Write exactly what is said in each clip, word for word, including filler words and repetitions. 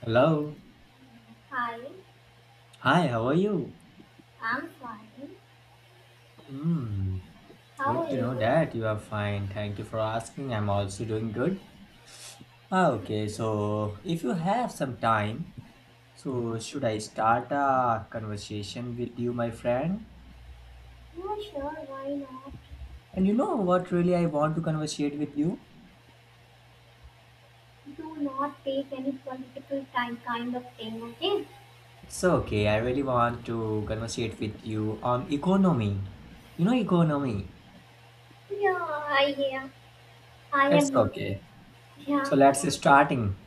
Hello. Hi, Hi, how are you? I'm fine. Mm, How good are to you? know that you are fine. Thank you for asking. I'm also doing good. Ah, Okay, so if you have some time, so should I start a conversation with you, my friend? Yeah, sure, why not? And you know what really I want to conversate with you? Do not take any political time kind of thing, okay? It's okay, I really want to conversate with you on economy. You know economy. Yeah, I yeah, I It's am okay. yeah, So let's starting.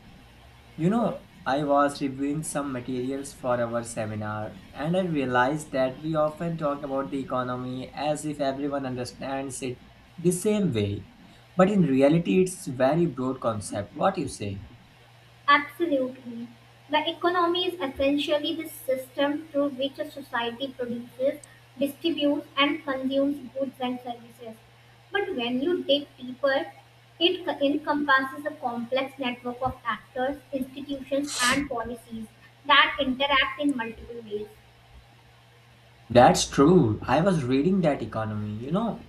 You okay. know, I was reviewing some materials for our seminar and I realized that we often talk about the economy as if everyone understands it the same way. But in reality, it's very broad concept. What you say? Absolutely. The economy is essentially the system through which a society produces, distributes, and consumes goods and services. But when you dig deeper, it co- encompasses a complex network of actors, institutions, and policies that interact in multiple ways. That's true. I was reading that economy, you know.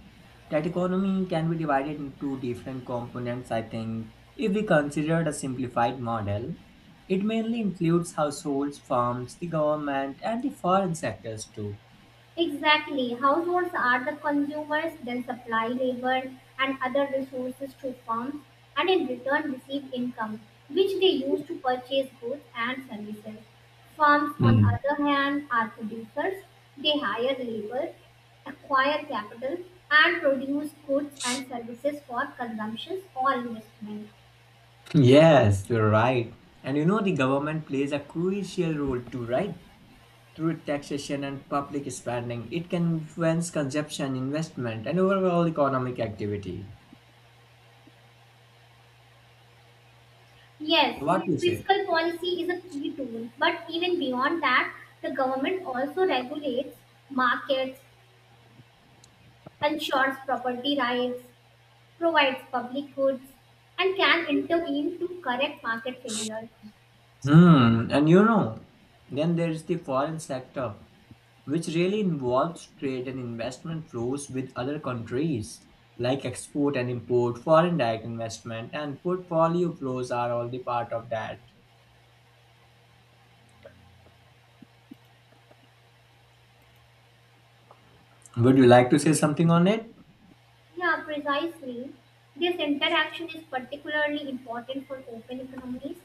That economy can be divided into different components, I think. If we consider the simplified model, it mainly includes households, firms, the government, and the foreign sectors too. Exactly. Households are the consumers, then supply labor and other resources to firms, and in return receive income, which they use to purchase goods and services. Firms, on the other hand, are producers. They hire labor, acquire capital, and produce goods and services for consumption or investment. Yes, you're right. And you know, the government plays a crucial role too, right? Through taxation and public spending, it can influence consumption, investment, and overall economic activity. Yes, So what do you say? fiscal policy is a key tool, but even beyond that, the government also regulates markets ensures property rights, provides public goods, and can intervene to correct market failures. Hmm, and you know, then there's the foreign sector, which really involves trade and investment flows with other countries, like export and import, foreign direct investment, and portfolio flows are all the part of that. Would you like to say something on it? Yeah, precisely. This interaction is particularly important for open economies.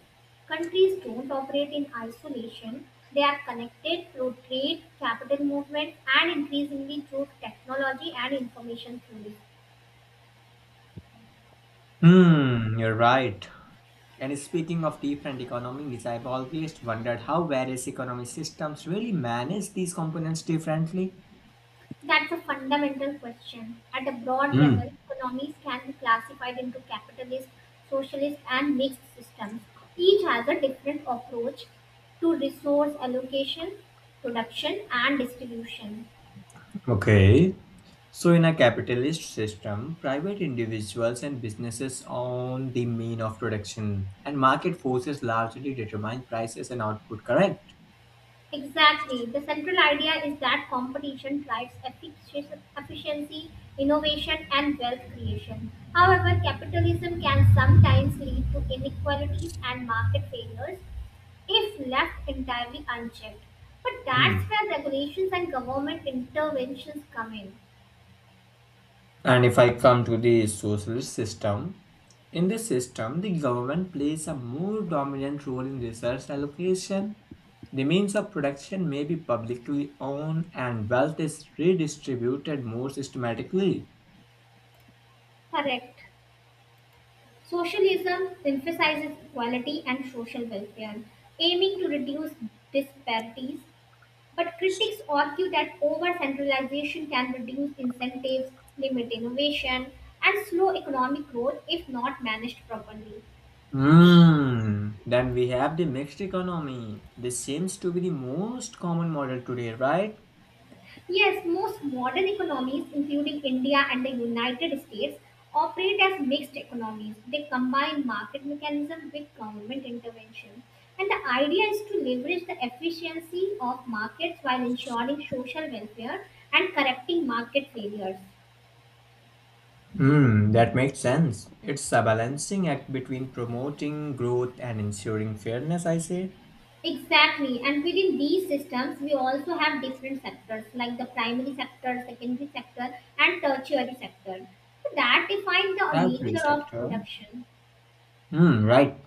Countries don't operate in isolation. They are connected through trade, capital movement, and increasingly through technology and information flows. Hmm, you're right. And speaking of different economies, I've always wondered how various economy systems really manage these components differently. That's a fundamental question. At a broad level, Hmm. economies can be classified into capitalist, socialist, and mixed systems. Each has a different approach to resource allocation, production, and distribution. Okay. So, in a capitalist system, private individuals and businesses own the mean of production, and market forces largely determine prices and output, correct? Exactly. The central idea is that competition drives effic- efficiency, innovation, and wealth creation. However, capitalism can sometimes lead to inequalities and market failures if left entirely unchecked. But that's Hmm. where regulations and government interventions come in. And if I come to the socialist system, in this system, the government plays a more dominant role in research allocation. The means of production may be publicly owned and wealth is redistributed more systematically. Correct. Socialism emphasizes equality and social welfare, aiming to reduce disparities. But critics argue that over centralization can reduce incentives, limit innovation, and slow economic growth if not managed properly. Hmm. Then we have the mixed economy. This seems to be the most common model today, right? Yes, most modern economies, including India and the United States, operate as mixed economies. They combine market mechanism with government intervention. And the idea is to leverage the efficiency of markets while ensuring social welfare and correcting market failures. Hmm, that makes sense. It's a balancing act between promoting growth and ensuring fairness, I say. Exactly, and within these systems, we also have different sectors like the primary sector, secondary sector, and tertiary sector. So that define the Every nature of sector. production. Hmm, right.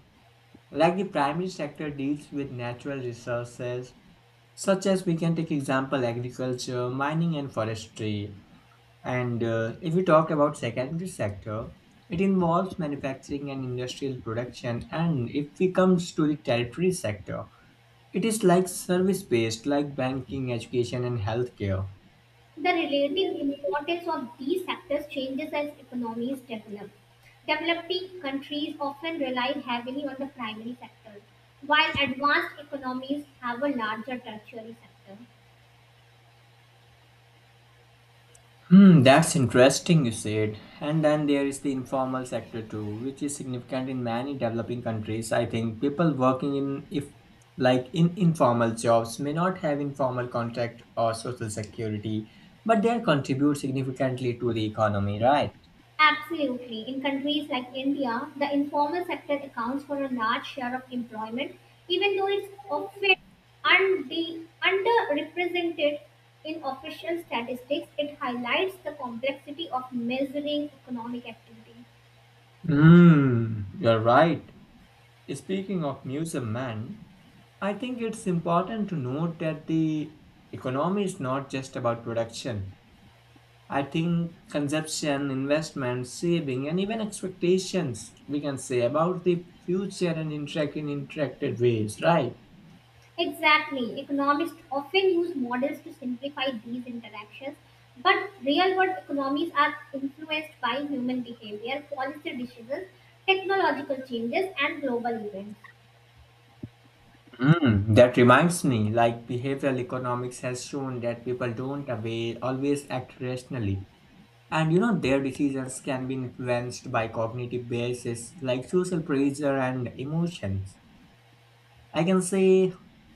Like the primary sector deals with natural resources, such as we can take example agriculture, mining, and forestry. And uh, if we talk about secondary sector, it involves manufacturing and industrial production. And if we comes to the territory sector, it is like service based, like banking, education, and healthcare. The relative importance of these sectors changes as economies develop. Developing countries often rely heavily on the primary sector, while advanced economies have a larger tertiary sector. Hmm, that's interesting, you said. And then there is the informal sector too, which is significant in many developing countries. I think people working in if like in informal jobs may not have informal contract or social security, but they contribute significantly to the economy, right? Absolutely. In countries like India, the informal sector accounts for a large share of employment, even though it's often unde- underrepresented in official statistics. It highlights the complexity of measuring economic activity. Hmm, you're right. Speaking of museum man, I think it's important to note that the economy is not just about production. I think consumption, investment, saving, and even expectations we can say about the future and interact in interacted ways, right? Exactly. Economists often use models to simplify these interactions, but real world economies are influenced by human behavior, policy decisions, technological changes, and global events. Mm, that reminds me, like behavioral economics has shown that people don't away, always act rationally. And you know, their decisions can be influenced by cognitive biases like social pressure and emotions. I can say,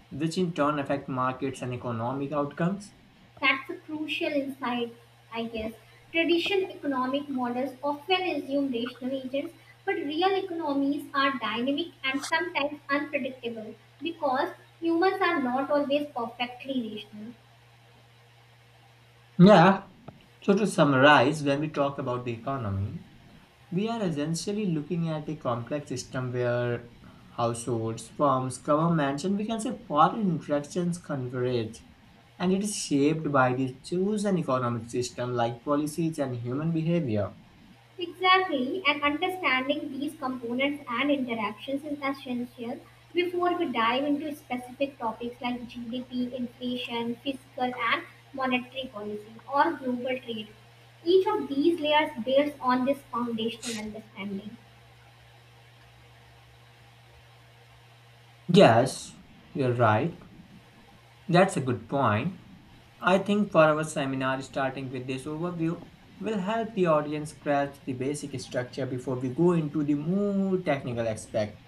which in turn affect markets and economic outcomes. That's a crucial insight, I guess. Traditional economic models often assume rational agents, but real economies are dynamic and sometimes unpredictable because humans are not always perfectly rational. Yeah. So to summarize, when we talk about the economy, we are essentially looking at a complex system where households, firms, governments, and we can say foreign interactions converge. And it is shaped by the chosen economic system like policies and human behavior. Exactly, and understanding these components and interactions is essential before we dive into specific topics like G D P, inflation, fiscal and monetary policy, or global trade. Each of these layers builds on this foundational understanding. Yes, you're right. That's a good point. I think for our seminar, starting with this overview, will help the audience grasp the basic structure before we go into the more technical aspect.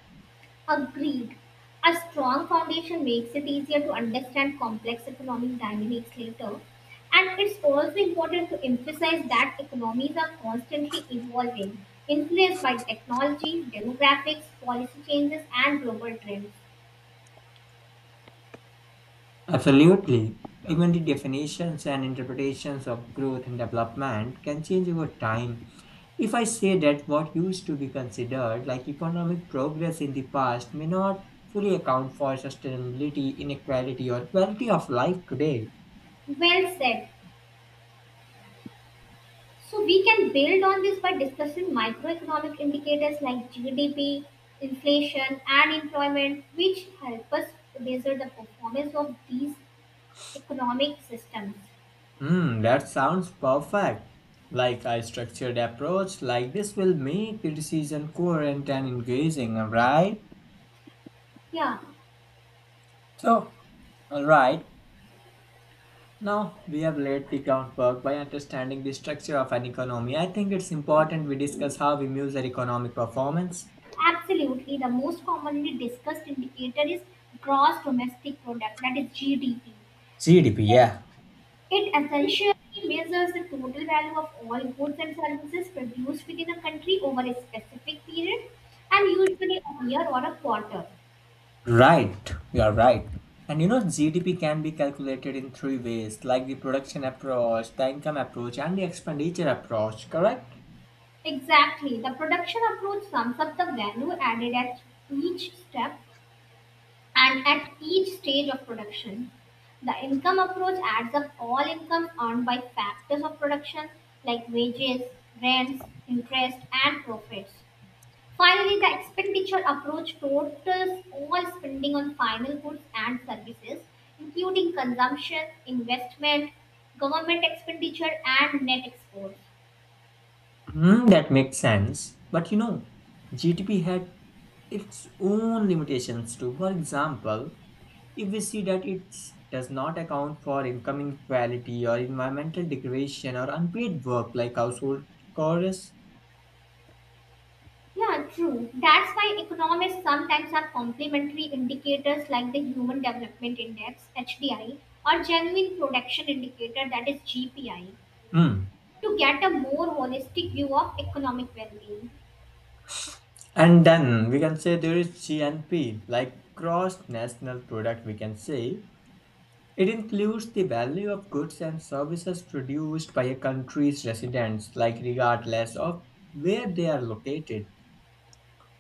Agreed. A strong foundation makes it easier to understand complex economic dynamics later. And it's also important to emphasize that economies are constantly evolving, influenced by technology, demographics, policy changes, and global trends. Absolutely. Even the definitions and interpretations of growth and development can change over time. If I say that what used to be considered like economic progress in the past may not fully account for sustainability, inequality, or quality of life today. Well said. So we can build on this by discussing microeconomic indicators like G D P, inflation, and employment, which help us measure the performance of these economic systems. Hmm, that sounds perfect. Like a structured approach like this will make the decision coherent and engaging, right? Yeah. So, all right. Now, we have laid the groundwork by understanding the structure of an economy. I think it's important we discuss how we measure economic performance. Absolutely, the most commonly discussed indicator is gross domestic product, that is G D P. G D P, yeah. It essentially measures the total value of all goods and services produced within a country over a specific period and usually a year or a quarter. Right, you are right. And you know, G D P can be calculated in three ways like the production approach, the income approach, and the expenditure approach, correct? Exactly, the production approach sums up the value added at each step and at each stage of production, the income approach adds up all income earned by factors of production like wages, rents, interest, and profits. Finally, the expenditure approach totals all spending on final goods and services, including consumption, investment, government expenditure, and net exports. Hmm, that makes sense. But you know, G D P had its own limitations too. For example, if we see that it does not account for income inequality or environmental degradation or unpaid work like household chores. Yeah, true. That's why economists sometimes have complementary indicators like the Human Development Index, H D I, or Genuine Production Indicator, that is G P I, Hmm. to get a more holistic view of economic well being. And then we can say there is G N P, like gross national product, we can say. It includes the value of goods and services produced by a country's residents, like regardless of where they are located.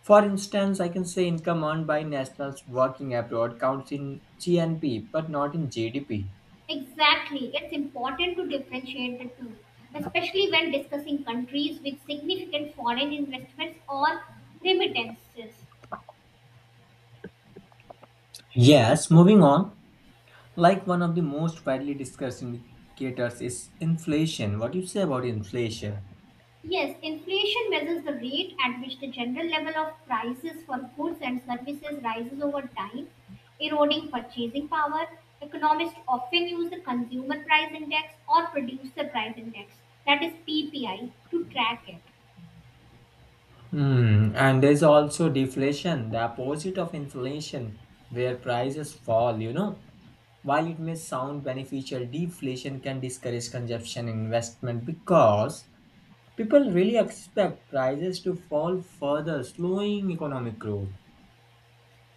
For instance, I can say income earned by nationals working abroad counts in G N P but not in G D P. Exactly. It's important to differentiate the two, especially when discussing countries with significant foreign investments or remittances. Yes, moving on, like one of the most widely discussed indicators is inflation. What do you say about inflation? Yes, inflation measures the rate at which the general level of prices for goods and services rises over time, eroding purchasing power. Economists often use the Consumer Price Index or Producer Price Index, that is P P I, to track it. Hmm, and there's also deflation, the opposite of inflation, where prices fall, you know. While it may sound beneficial, deflation can discourage consumption and investment because people really expect prices to fall further, slowing economic growth.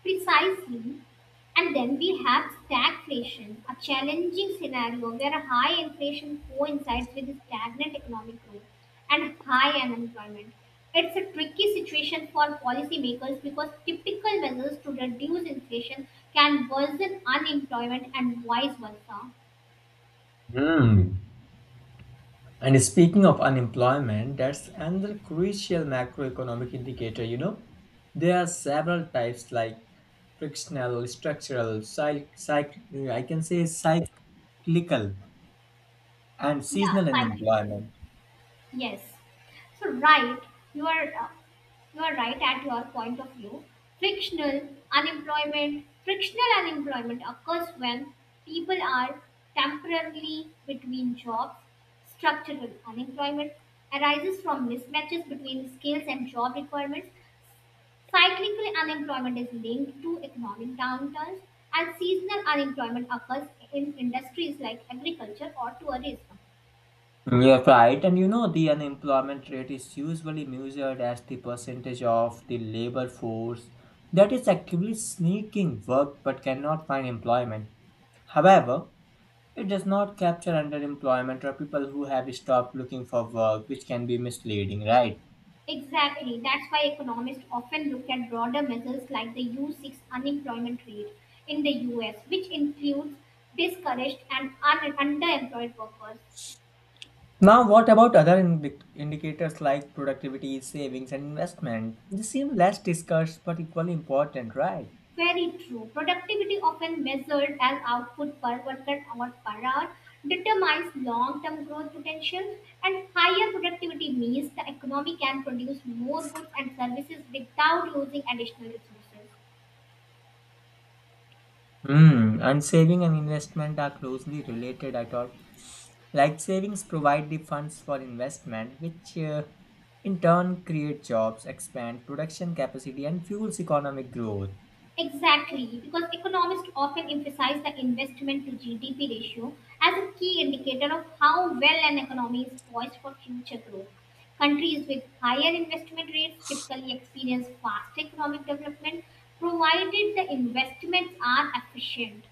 Precisely. And then we have stagflation, a challenging scenario where high inflation coincides with stagnant economic growth and high unemployment. It's a tricky situation for policymakers because typical measures to reduce inflation can worsen unemployment and vice versa. Hmm. And speaking of unemployment, that's another crucial macroeconomic indicator, you know. There are several types like frictional, structural, cyc- cyc- I can say cyclical, and Yeah, seasonal cyclical. unemployment. Yes. So right, you are uh, you are right at your point of view. Frictional unemployment, frictional unemployment occurs when people are temporarily between jobs. Structural unemployment arises from mismatches between skills and job requirements. Cyclical unemployment is linked to economic downturns, and seasonal unemployment occurs in industries like agriculture or tourism. You're right, and you know the unemployment rate is usually measured as the percentage of the labor force that is actively seeking work but cannot find employment. However, it does not capture underemployment or people who have stopped looking for work, which can be misleading, right? Exactly. That's why economists often look at broader measures like the U six unemployment rate in the U S, which includes discouraged and un- underemployed workers. Now, what about other indi- indicators like productivity, savings, and investment? They seem less discussed but equally important, right? Very true. Productivity, often measured as output per worker hour per hour, determines long term growth potential, and higher productivity means the economy can produce more goods and services without using additional resources. Hmm, and saving and investment are closely related, I thought. Like savings provide the funds for investment, which uh, in turn create jobs, expand production capacity, and fuels economic growth. Exactly, because economists often emphasize the investment to G D P ratio as a key indicator of how well an economy is poised for future growth. Countries with higher investment rates typically experience faster economic development provided the investments are efficient.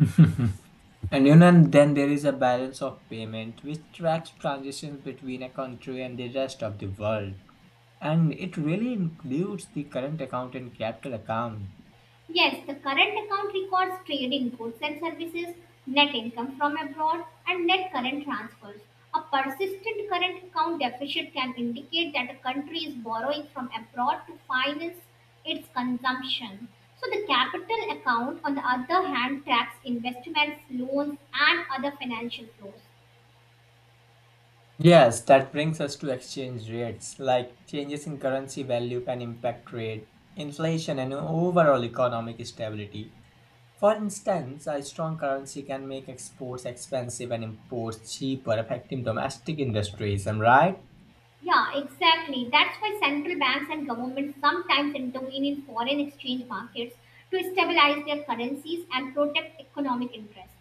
And you know, and then there is a balance of payment which tracks transactions between a country and the rest of the world. And it really includes the current account and capital account. Yes, the current account records trading goods and services, net income from abroad, and net current transfers. A persistent current account deficit can indicate that a country is borrowing from abroad to finance its consumption. So, the capital account, on the other hand, tracks investments, loans, and other financial flows. Yes, that brings us to exchange rates, like changes in currency value can impact trade, inflation, and overall economic stability. For instance, a strong currency can make exports expensive and imports cheaper, affecting domestic industries. Am I right? Yeah, exactly. That's why central banks and governments sometimes intervene in foreign exchange markets to stabilize their currencies and protect economic interests.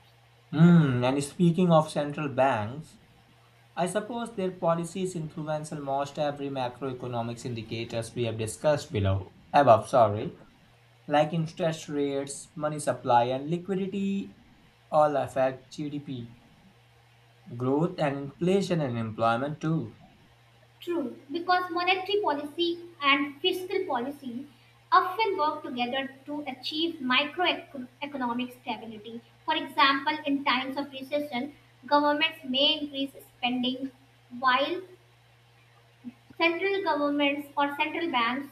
Hmm. And speaking of central banks, I suppose their policies influence almost every macroeconomics indicators we have discussed below. Above, sorry, like interest rates, money supply and liquidity all affect G D P, growth and inflation and employment too. True, because monetary policy and fiscal policy often work together to achieve microeconomic stability. For example, in times of recession, governments may increase spending while central governments or central banks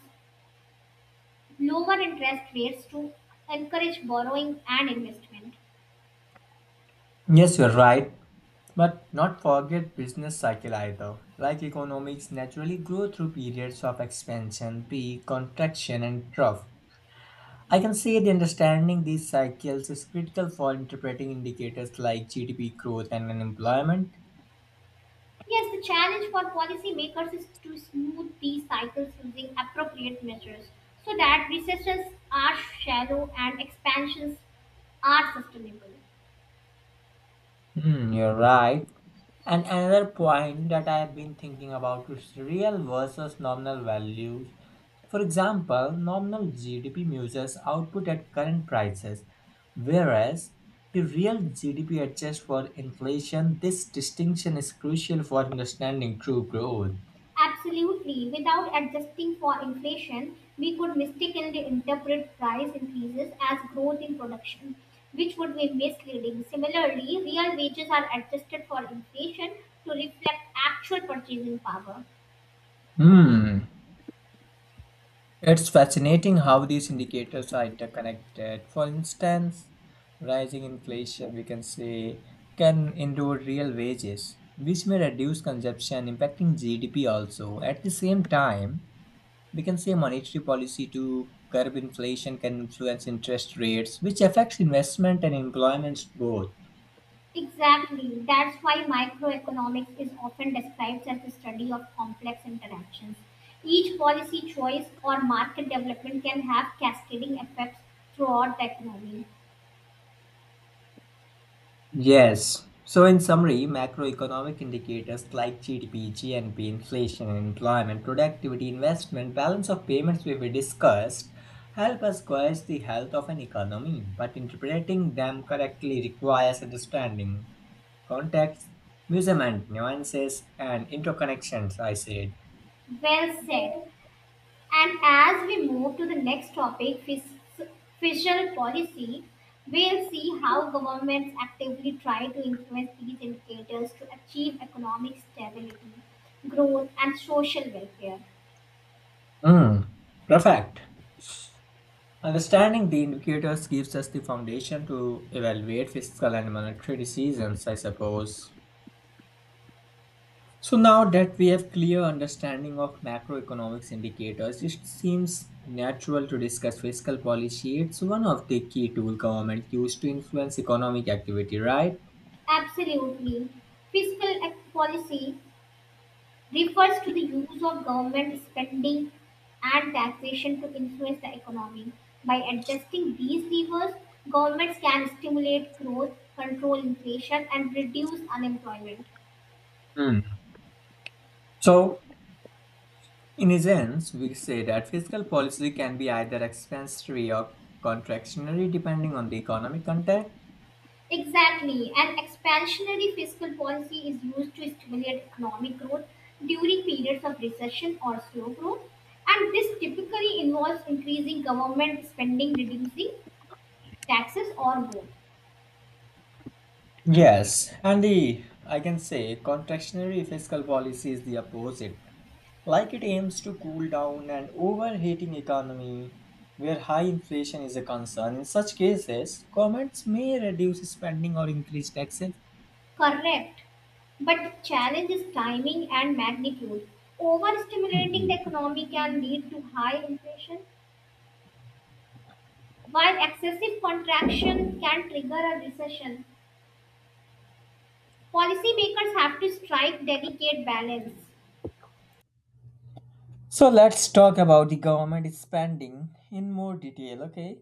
lower interest rates to encourage borrowing and investment. Yes, you're right. But not forget business cycle either. Like economics naturally grow through periods of expansion, peak, contraction and trough. I can say the understanding these cycles is critical for interpreting indicators like G D P growth and unemployment. Yes, the challenge for policymakers is to smooth these cycles using appropriate measures so that recessions are shallow and expansions are sustainable. Hmm, you're right. And another point that I have been thinking about is real versus nominal values. For example, nominal G D P measures output at current prices, whereas the real G D P adjusts for inflation. This distinction is crucial for understanding true growth. Absolutely. Without adjusting for inflation, we could mistakenly interpret price increases as growth in production, which would be misleading. Similarly, real wages are adjusted for inflation to reflect actual purchasing power. Hmm. It's fascinating how these indicators are interconnected. For instance, rising inflation, we can say, can erode real wages, which may reduce consumption, impacting G D P also. At the same time, we can say monetary policy to curb inflation can influence interest rates, which affects investment and employment both. Exactly. That's why microeconomics is often described as the study of complex interactions. Each policy choice or market development can have cascading effects throughout the economy. Yes. So, in summary, macroeconomic indicators like G D P, G N P, inflation, employment, productivity, investment, balance of payments we we discussed help us gauge the health of an economy, but interpreting them correctly requires understanding context, measurement, nuances, and interconnections, I said. Well said. And as we move to the next topic, fis- fiscal policy, we'll see how governments actively try to influence these indicators to achieve economic stability, growth, and social welfare. Mm, perfect. Understanding the indicators gives us the foundation to evaluate fiscal and monetary decisions, I suppose. So now that we have clear understanding of macroeconomics indicators, it seems natural to discuss fiscal policy. It's one of the key tool government used to influence economic activity, right? Absolutely. Fiscal ec- policy refers to the use of government spending and taxation to influence the economy. By adjusting these levers, governments can stimulate growth, control inflation, and reduce unemployment. Hmm. So, in a sense, we say that fiscal policy can be either expansionary or contractionary depending on the economic context. Exactly. An expansionary fiscal policy is used to stimulate economic growth during periods of recession or slow growth. And this typically involves increasing government spending, reducing taxes, or both. Yes, and the I can say contractionary fiscal policy is the opposite. Like it aims to cool down an overheating economy where high inflation is a concern. In such cases, governments may reduce spending or increase taxes. Correct. But the challenge is timing and magnitude. Overstimulating the Mhm. economy can lead to high inflation, while excessive contraction can trigger a recession. Policymakers have to strike delicate balance. So let's talk about the government spending in more detail, okay?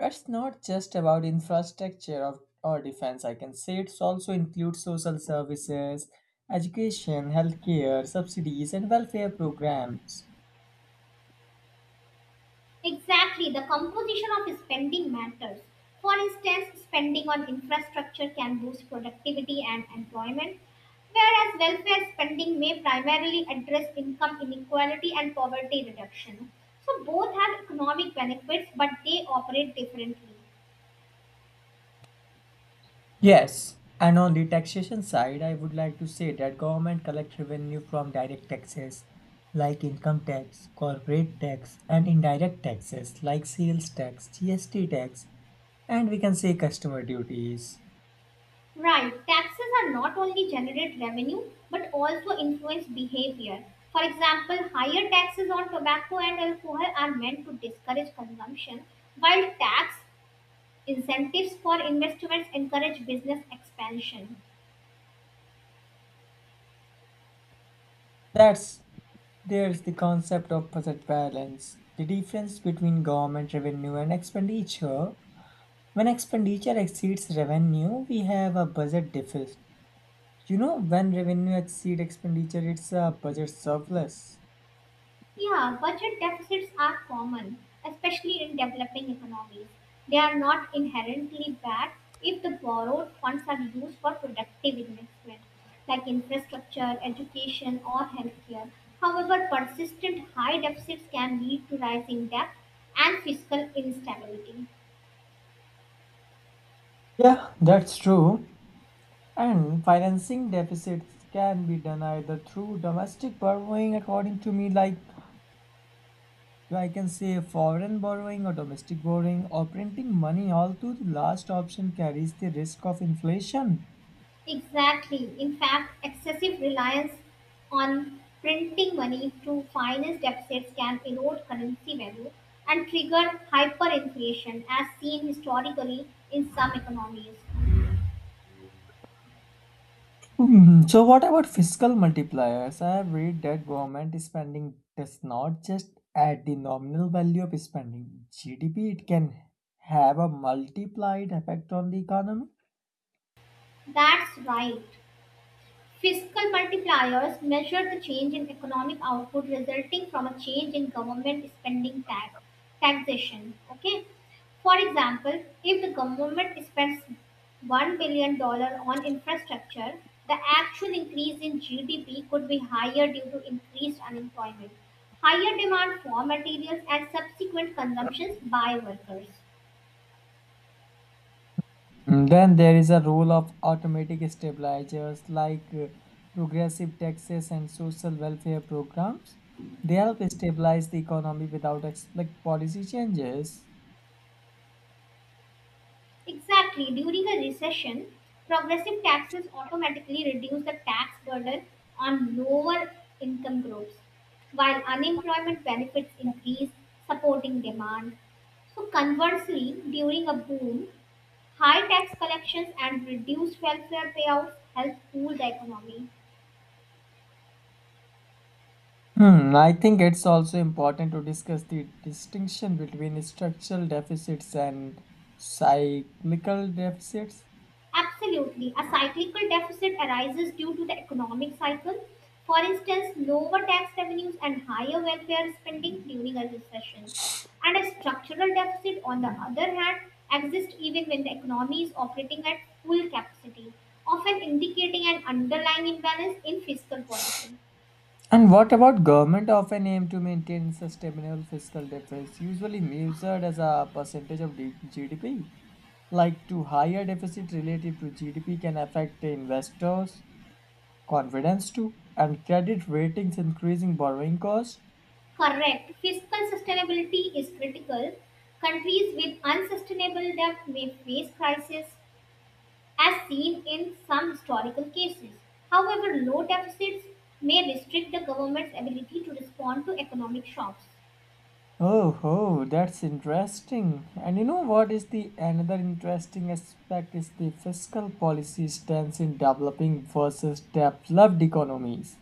It's not just about infrastructure of, or defense, I can say it also includes social services, education, healthcare, subsidies, and welfare programs. Exactly, the composition of spending matters. For instance, spending on infrastructure can boost productivity and employment, whereas welfare spending may primarily address income inequality and poverty reduction. So, both have economic benefits, but they operate differently. Yes, and on the taxation side, I would like to say that government collect revenue from direct taxes like income tax, corporate tax, and indirect taxes like sales tax, G S T tax, and we can say customer duties. Right, taxes are not only generate revenue but also influence behavior. For example, higher taxes on tobacco and alcohol are meant to discourage consumption, while tax incentives for investments encourage business expansion. That's there's the concept of budget balance, the difference between government revenue and expenditure. When expenditure exceeds revenue, we have a budget deficit. You know, when revenue exceeds expenditure, it's a budget surplus. Yeah, budget deficits are common, especially in developing economies. They are not inherently bad if the borrowed funds are used for productive investment, like infrastructure, education, or healthcare. However, persistent high deficits can lead to rising debt and fiscal instability. Yeah, that's true. And financing deficits can be done either through domestic borrowing, according to me, like I can say foreign borrowing or domestic borrowing or printing money, although the last option carries the risk of inflation. Exactly. In fact, excessive reliance on printing money to finance deficits can erode currency value and trigger hyperinflation, as seen historically in some economies. Hmm, So what about fiscal multipliers? I have read that government spending does not just add the nominal value of spending G D P, it can have a multiplied effect on the economy. That's right. Fiscal multipliers measure the change in economic output resulting from a change in government spending tax taxation. Okay. For example, if the government spends $1 billion dollars on infrastructure, the actual increase in G D P could be higher due to increased unemployment, higher demand for materials, and subsequent consumptions by workers. Mm, Then there is a role of automatic stabilizers like uh, progressive taxes and social welfare programs. They help stabilize the economy without explicit policy changes. Exactly. During a recession, progressive taxes automatically reduce the tax burden on lower income groups, while unemployment benefits increase, supporting demand. So, conversely, during a boom, high tax collections and reduced welfare payouts help cool the economy. Hmm, I think it's also important to discuss the distinction between structural deficits and cyclical deficits. Absolutely. A cyclical deficit arises due to the economic cycle. For instance, lower tax revenues and higher welfare spending during a recession. And a structural deficit, on the other hand, exists even when the economy is operating at full capacity, often indicating an underlying imbalance in fiscal policy. And what about government often aim to maintain sustainable fiscal deficits, usually measured as a percentage of D- G D P? Like to higher deficit relative to G D P can affect the investors' confidence too, and credit ratings increasing borrowing costs. Correct. Fiscal sustainability is critical. Countries with unsustainable debt may face crisis as seen in some historical cases. However, low deficits may restrict the government's ability to respond to economic shocks. Oh, oh, that's interesting. And you know what is the another interesting aspect is the fiscal policy stance in developing versus developed economies.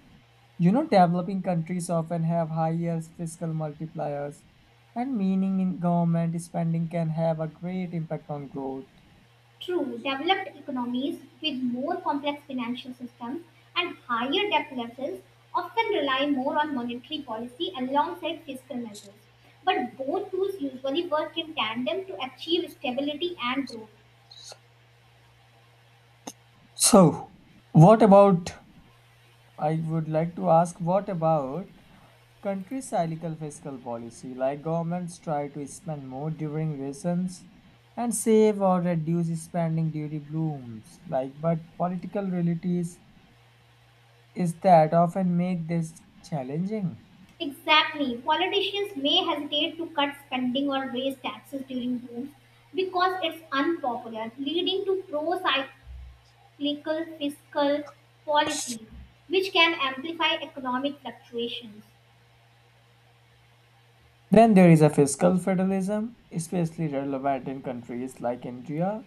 You know, developing countries often have higher fiscal multipliers, and meaning in government spending can have a great impact on growth. True, developed economies with more complex financial systems and higher debt levels often rely more on monetary policy alongside fiscal measures. But both tools usually work in tandem to achieve stability and growth. So, what about I would like to ask what about country cyclical fiscal policy, like governments try to spend more during recessions and save or reduce spending during blooms, like but political realities is that often make this challenging. Exactly. Politicians may hesitate to cut spending or raise taxes during booms because it's unpopular, leading to pro-cyclical fiscal policy, which can amplify economic fluctuations. Then there is a fiscal federalism, especially relevant in countries like India,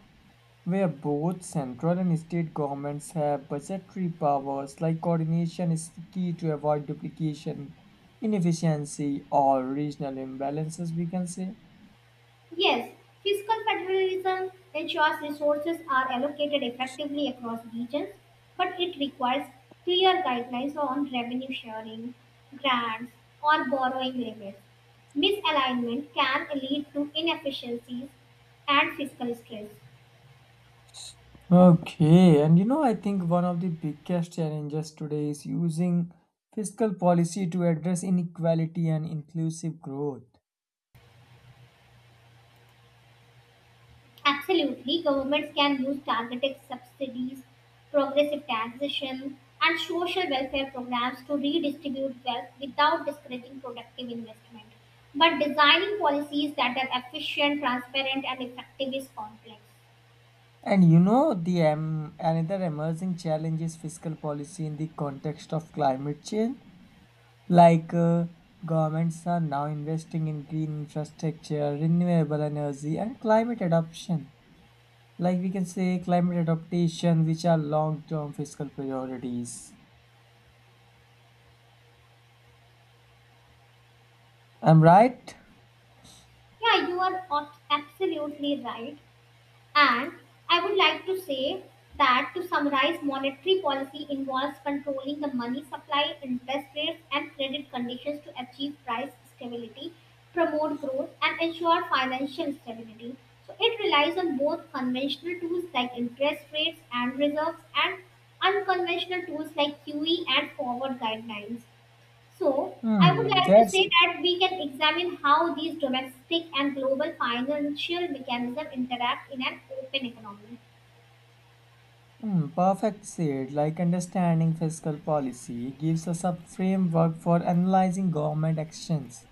where both central and state governments have budgetary powers like coordination is key to avoid duplication, inefficiency, or regional imbalances, we can say. Yes, fiscal federalism ensures resources are allocated effectively across regions, but it requires clear guidelines on revenue sharing, grants, or borrowing limits. Misalignment can lead to inefficiencies and fiscal stress. Okay, and you know, I think one of the biggest challenges today is using fiscal policy to address inequality and inclusive growth. Absolutely, governments can use targeted subsidies, progressive taxation, and social welfare programs to redistribute wealth without discouraging productive investment. But designing policies that are efficient, transparent, and effective is complex. And you know, the um, another emerging challenge is fiscal policy in the context of climate change. Like uh, governments are now investing in green infrastructure, renewable energy, and climate adoption. Like we can say climate adaptation, which are long-term fiscal priorities. I'm right? Yeah, you are ab- absolutely right. And I would like to say that to summarize, monetary policy involves controlling the money supply, interest rates, and credit conditions to achieve price stability, promote growth, and ensure financial stability. So it relies on both conventional tools like interest rates and reserves and unconventional tools like Q E and forward guidelines. So, I would Hmm, like to that's say that we can examine how these domestic and global financial mechanisms interact in an open economy. hmm, perfect said. Like understanding fiscal policy gives us a framework for analyzing government actions.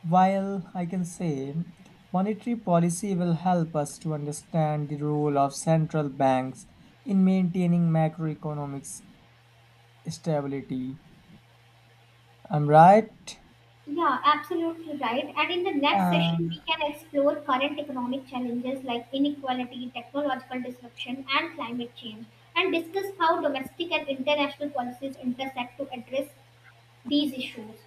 While I can say monetary policy will help us to understand the role of central banks in maintaining macroeconomic s- stability. I'm right? Yeah, absolutely right. And in the next session, Uh, we can explore current economic challenges like inequality, technological disruption, and climate change, and discuss how domestic and international policies intersect to address these issues.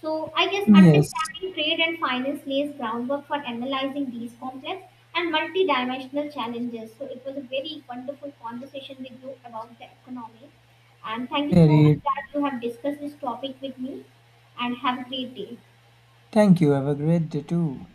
So I guess yes, understanding trade and finance lays groundwork for analyzing these complex and multi-dimensional challenges. So it was a very wonderful conversation with you about the economy. And thank you so much very. that you have discussed this topic with me and have a great day. Thank you. Have a great day too.